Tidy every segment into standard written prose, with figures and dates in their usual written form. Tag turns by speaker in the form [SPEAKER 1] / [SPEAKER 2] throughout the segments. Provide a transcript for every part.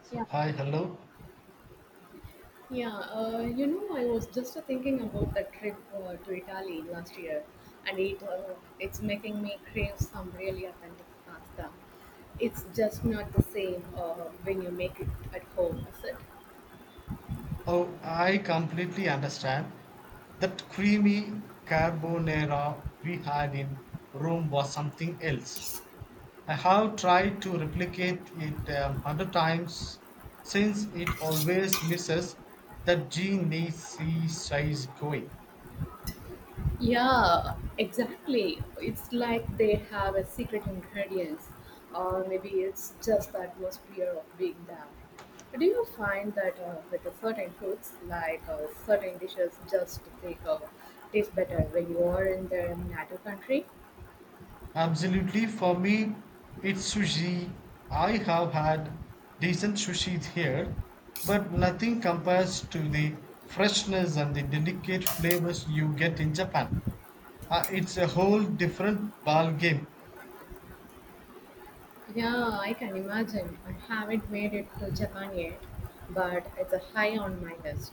[SPEAKER 1] So,
[SPEAKER 2] Yeah,
[SPEAKER 1] hi, hello.
[SPEAKER 2] yeah. I was just thinking about the trip to Italy last year, and it's making me crave some really authentic pasta. It's just not the same when you make it at home, is it?
[SPEAKER 1] Oh, I completely understand. That creamy carbonara we had in Rome was something else. I have tried to replicate it a hundred times since it always misses that GNC size going.
[SPEAKER 2] Yeah, exactly. It's like they have a secret ingredients, or maybe it's just the atmosphere of being there. Do you find that with the certain foods, like certain dishes, just take taste better when you are in their native country?
[SPEAKER 1] Absolutely, for me, it's sushi. I have had decent sushi here, but nothing compares to the freshness and the delicate flavors you get in Japan. It's a whole different ball game,
[SPEAKER 2] Yeah, I can imagine. I haven't made it to Japan yet, but it's a high on my list.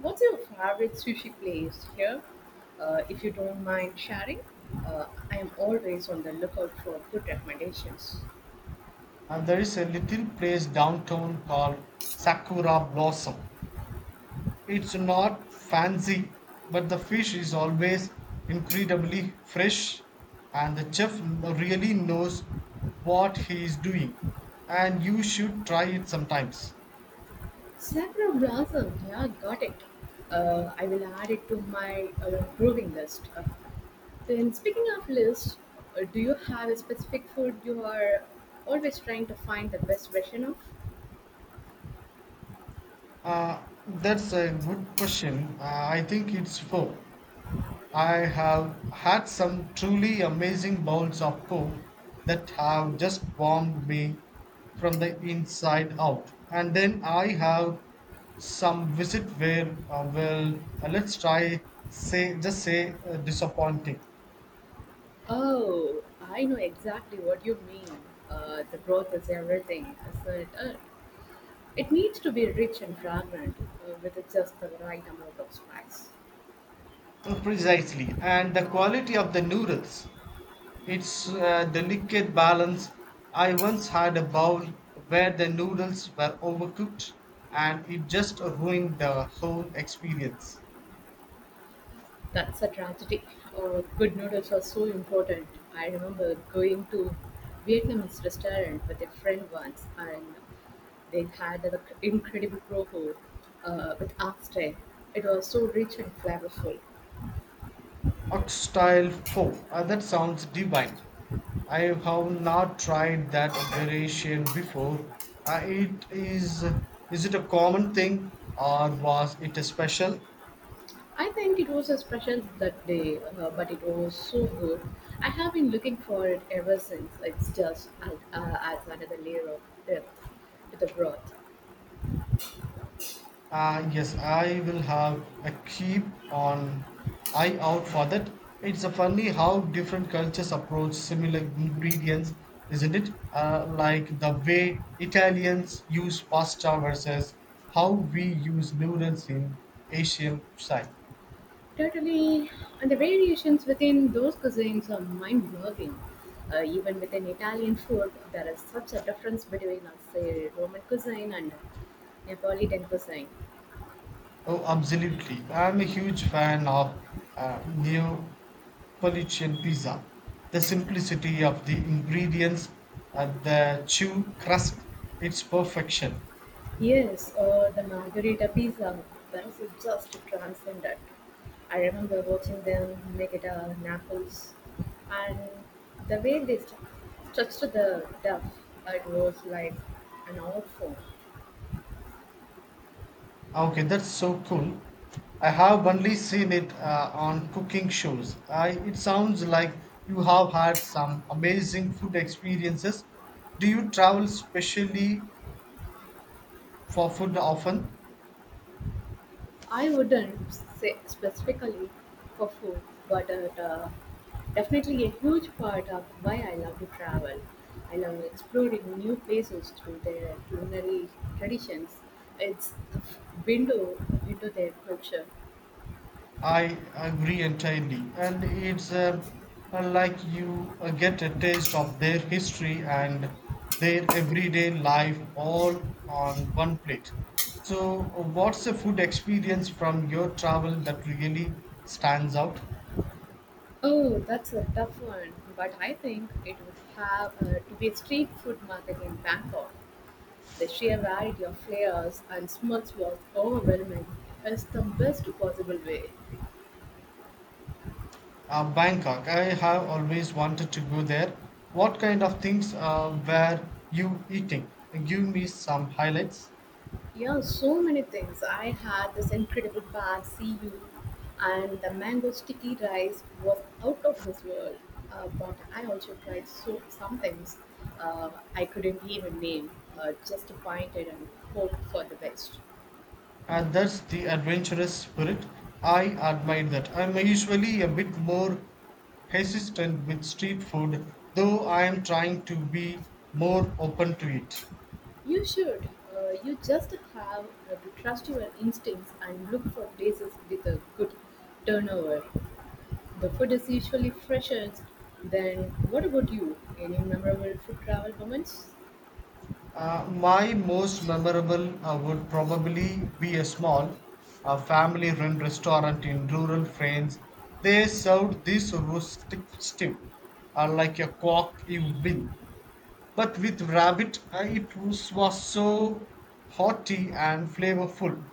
[SPEAKER 2] What's your favorite sushi place here? If you don't mind sharing, I am always on the lookout for good recommendations.
[SPEAKER 1] and there is a little place downtown called Sakura Blossom. It's not fancy, but the fish is always incredibly fresh, and the chef really knows what he is doing. And you should try it sometimes.
[SPEAKER 2] Sakura Blossom, yeah, got it. I will add it to my brewing list. Then, speaking of list, do you have a specific food you are always trying to find the best version of?
[SPEAKER 1] That's a good question. I think it's four. I have had some truly amazing bowls of food that have just warmed me from the inside out. And then I have some visit where, well, let's try, say, just say disappointing.
[SPEAKER 2] Oh, I know exactly what you mean. The growth is everything, is it? It needs to be rich and fragrant, with just the right amount of spice.
[SPEAKER 1] Precisely. And the quality of the noodles, it's delicate balance. I once had a bowl where the noodles were overcooked and it just ruined the whole experience.
[SPEAKER 2] That's a tragedy. Good noodles are so important. I remember going to Vietnamese restaurant with a friend once, and they had an incredible pro food with oxtail. It was so rich and flavorful.
[SPEAKER 1] Oxtail foe. That sounds divine. I have not tried that variation before. It is it a common thing or was it a special?
[SPEAKER 2] I think it was a special that day, but it was so good. I have been looking for it ever since. It's just adds another layer of depth to the broth.
[SPEAKER 1] Yes, I will have a keep on eye out for that. It's a funny how different cultures approach similar ingredients, isn't it? Like the way Italians use pasta versus how we use noodles in Asian side.
[SPEAKER 2] Totally. And the variations within those cuisines are mind blowing. Even within Italian food, there is such a difference between, say, Roman cuisine and Neapolitan cuisine.
[SPEAKER 1] Oh, absolutely. I'm a huge fan of Neapolitan pizza. The simplicity of the ingredients and the chew crust, it's perfection.
[SPEAKER 2] Yes, or the margherita pizza, that is just transcendent. I remember watching them make it Naples, and the way structured the duff, it was like an art form.
[SPEAKER 1] Okay, that's so cool. I have only seen it on cooking shows. I, it sounds like you have had some amazing food experiences. Do you travel specially for food often?
[SPEAKER 2] I wouldn't say specifically for food, but it, definitely a huge part of why I love to travel. I love exploring new places through their culinary traditions. It's the window into their culture.
[SPEAKER 1] I agree entirely, and it's like you get a taste of their history and their everyday life all on one plate. So, what's the food experience from your travel that really stands out?
[SPEAKER 2] Oh, that's a tough one, but I think it would have to be a street food market in Bangkok. The sheer variety of flavors and smells was overwhelming. It's the best possible way.
[SPEAKER 1] Bangkok, I have always wanted to go there. What kind of things were you eating? Give me some highlights.
[SPEAKER 2] Yeah, so many things. I had this incredible bad CU, and the mango sticky rice was out of this world. But I also tried some things I couldn't even name, just pointed and hoped for the best.
[SPEAKER 1] And that's the adventurous spirit. I admire that. I'm usually a bit more hesitant with street food, though I am trying to be more open to it.
[SPEAKER 2] You should. You just have to trust your instincts and look for places with a good turnover. The food is usually fresher. Then, what about you? Any memorable food travel moments?
[SPEAKER 1] My most memorable would probably be a small family run restaurant in rural France. They served this rustic stew, like a cock you win. But with rabbit, it was so hearty and flavorful.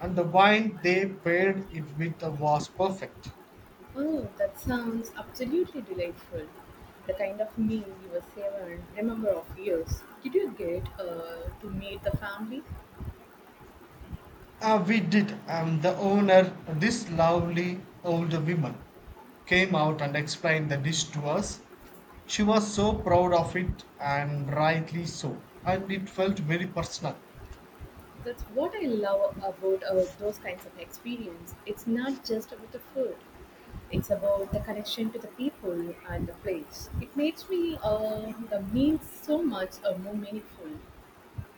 [SPEAKER 1] And the wine they paired it with was perfect.
[SPEAKER 2] Oh, that sounds absolutely delightful. The kind of meal you will savor and remember of years. Did you get to meet the family?
[SPEAKER 1] Ah, we did, and the owner, this lovely old woman, came out and explained the dish to us. She was so proud of it, and rightly so, and it felt very personal.
[SPEAKER 2] That's what I love about those kinds of experience. It's not just about the food. It's about the connection to the people and the place. It makes me, the meals so much more meaningful.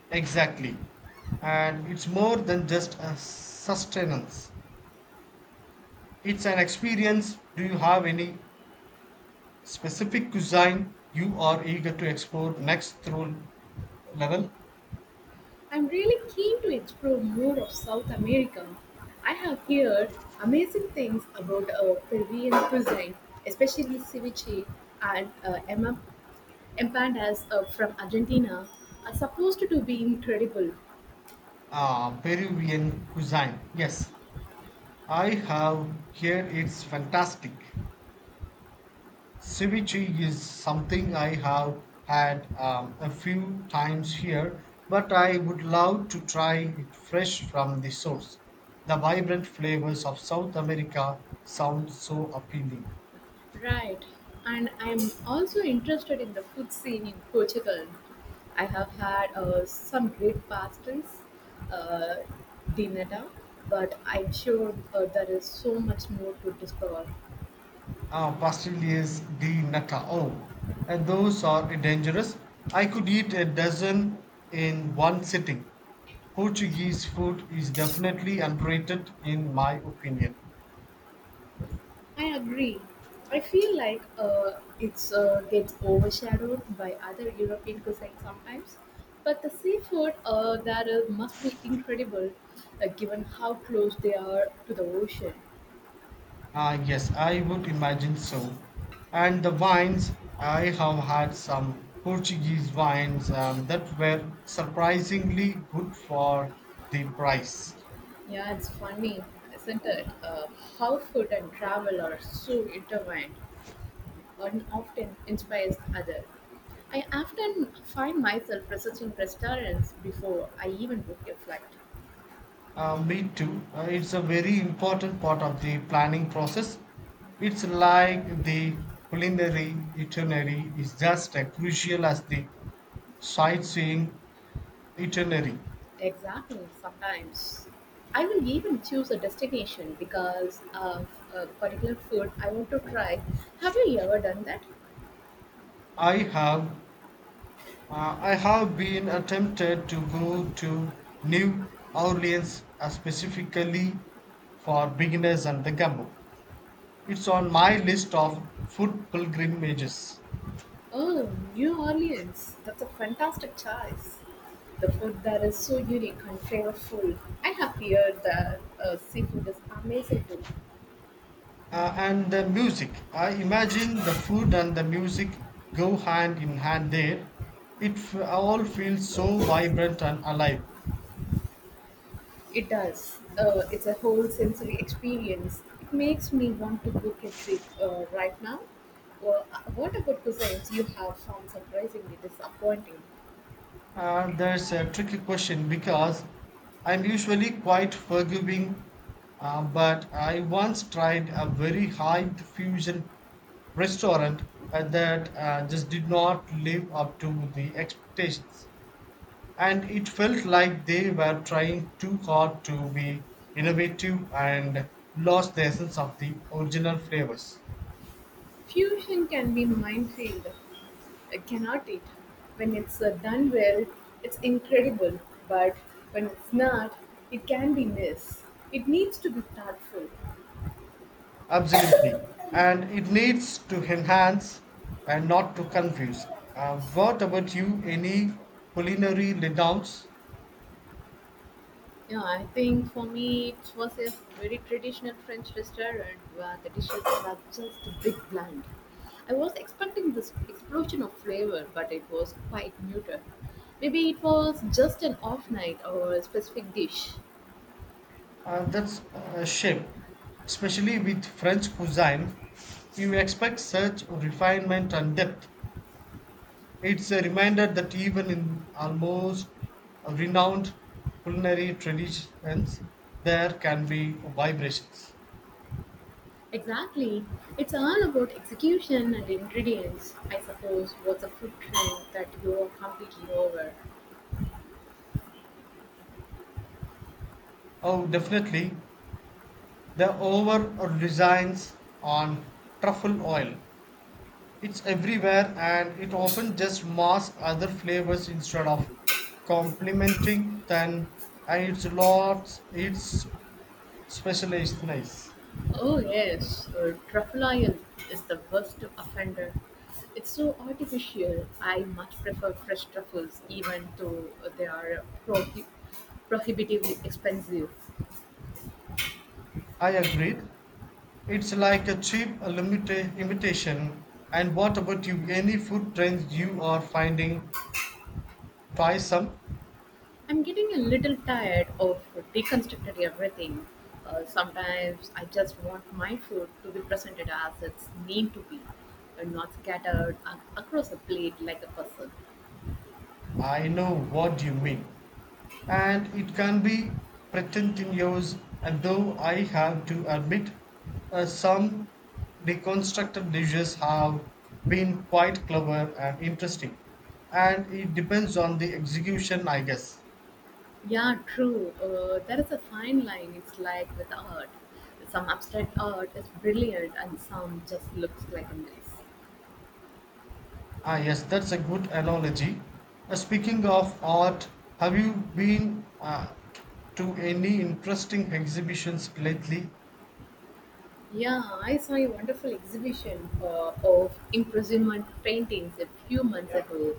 [SPEAKER 1] Exactly. And it's more than just a sustenance, it's an experience. Do you have any specific cuisine you are eager to explore next through level?
[SPEAKER 2] I'm really keen to explore more of South America. I have heard amazing things about Peruvian cuisine, especially ceviche and empanadas from Argentina, are supposed to be incredible.
[SPEAKER 1] Ah, Peruvian cuisine. Yes, I have here. It's fantastic. Ceviche is something I have had a few times here, but I would love to try it fresh from the source. The vibrant flavors of South America sound so appealing.
[SPEAKER 2] Right, and I'm also interested in the food scene in Portugal. I have had some great pastries, uh, dinata, but I'm sure there is so much more to discover.
[SPEAKER 1] Ah, pastilles de nata. Oh, and those are dangerous. I could eat a dozen in one sitting. Portuguese food is definitely underrated in my opinion.
[SPEAKER 2] I agree. I feel like it's gets overshadowed by other European cuisine sometimes, but the seafood that is, must be incredible, given how close they are to the ocean.
[SPEAKER 1] Ah, yes, I would imagine so. And the wines, I have had some Portuguese wines that were surprisingly good for the price.
[SPEAKER 2] Yeah, it's funny, isn't it? How food and travel are so intertwined, and often inspires other. I often find myself researching restaurants before I even book a flight.
[SPEAKER 1] Me too. It's a very important part of the planning process. It's like the culinary itinerary is just as crucial as the sightseeing itinerary.
[SPEAKER 2] Exactly, sometimes. I will even choose a destination because of a particular food I want to try. Have you ever done that?
[SPEAKER 1] I have I have been tempted to go to New Orleans specifically for beginners and the gumbo. It's on my list of food pilgrimages.
[SPEAKER 2] Oh, New Orleans. That's a fantastic choice. The food there is so unique and flavorful. I have heard that seafood is amazing too.
[SPEAKER 1] And the music. I imagine the food and the music go hand in hand there. It all feels so vibrant and alive.
[SPEAKER 2] It does. It's a whole sensory experience. It makes me want to book a trip right now. Well, what about cuisines you have found surprisingly disappointing?
[SPEAKER 1] There's a tricky question because I'm usually quite forgiving, but I once tried a very high fusion restaurant that just did not live up to the expectations. And it felt like they were trying too hard to be innovative and lost the essence of the original flavors.
[SPEAKER 2] Fusion can be a minefield, cannot it? When it's done well, it's incredible, but when it's not, it can be missed. It needs to be thoughtful.
[SPEAKER 1] Absolutely. And it needs to enhance and not to confuse. What about you? Any culinary letdowns?
[SPEAKER 2] Yeah, I think for me it was a very traditional French restaurant where the dishes were just a big bland. I was expecting this explosion of flavor, but it was quite muted. Maybe it was just an off night or a specific dish.
[SPEAKER 1] That's a shame, especially with French cuisine. You expect such refinement and depth. It's a reminder that even in almost renowned culinary traditions, there can be vibrations.
[SPEAKER 2] Exactly. It's all about execution and ingredients. I suppose what's a food trend that you're completely over?
[SPEAKER 1] Oh, definitely. The over reliance on truffle oil. It's everywhere and it often just masks other flavors instead of complementing them and it's specialized nice.
[SPEAKER 2] Oh yes, truffle oil is the worst offender. It's so artificial. I much prefer fresh truffles, even though they are prohibitively expensive.
[SPEAKER 1] I agreed. It's like a cheap imitation. And what about you? Any food trends you are finding? Try some.
[SPEAKER 2] I'm getting a little tired of deconstructed everything. Sometimes I just want my food to be presented as it's meant to be, and not scattered across a plate like a puzzle.
[SPEAKER 1] I know what you mean. And it can be pretentious, and though I have to admit, some deconstructed dishes have been quite clever and interesting. And it depends on the execution, I guess.
[SPEAKER 2] Yeah, true. There is a fine line. It's like with art. Some abstract art is brilliant, and some just looks like a mess.
[SPEAKER 1] Ah, yes, that's a good analogy. Speaking of art, have you been to any interesting exhibitions lately?
[SPEAKER 2] Yeah, I saw a wonderful exhibition of imprisonment paintings a few months ago.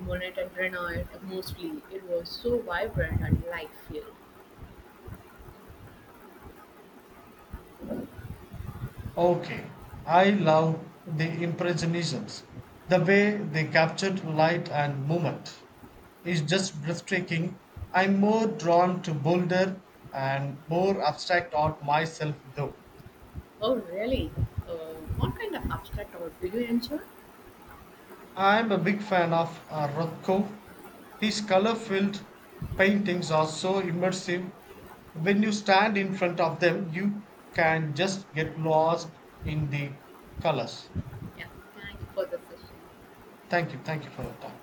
[SPEAKER 2] Monet and Renoir mostly. It was so vibrant and life-filled.
[SPEAKER 1] Okay, I love the Impressionisms. The way they captured light and movement is just breathtaking. I'm more drawn to bolder and more abstract art myself, though.
[SPEAKER 2] Oh, really? Uh, what kind of abstract art do you enjoy?
[SPEAKER 1] I'm a big fan of Rothko. His color filled paintings are so immersive. When you stand in front of them, you can just get lost in the colors.
[SPEAKER 2] Yeah, thank you for the session.
[SPEAKER 1] Thank you. Thank you for your time.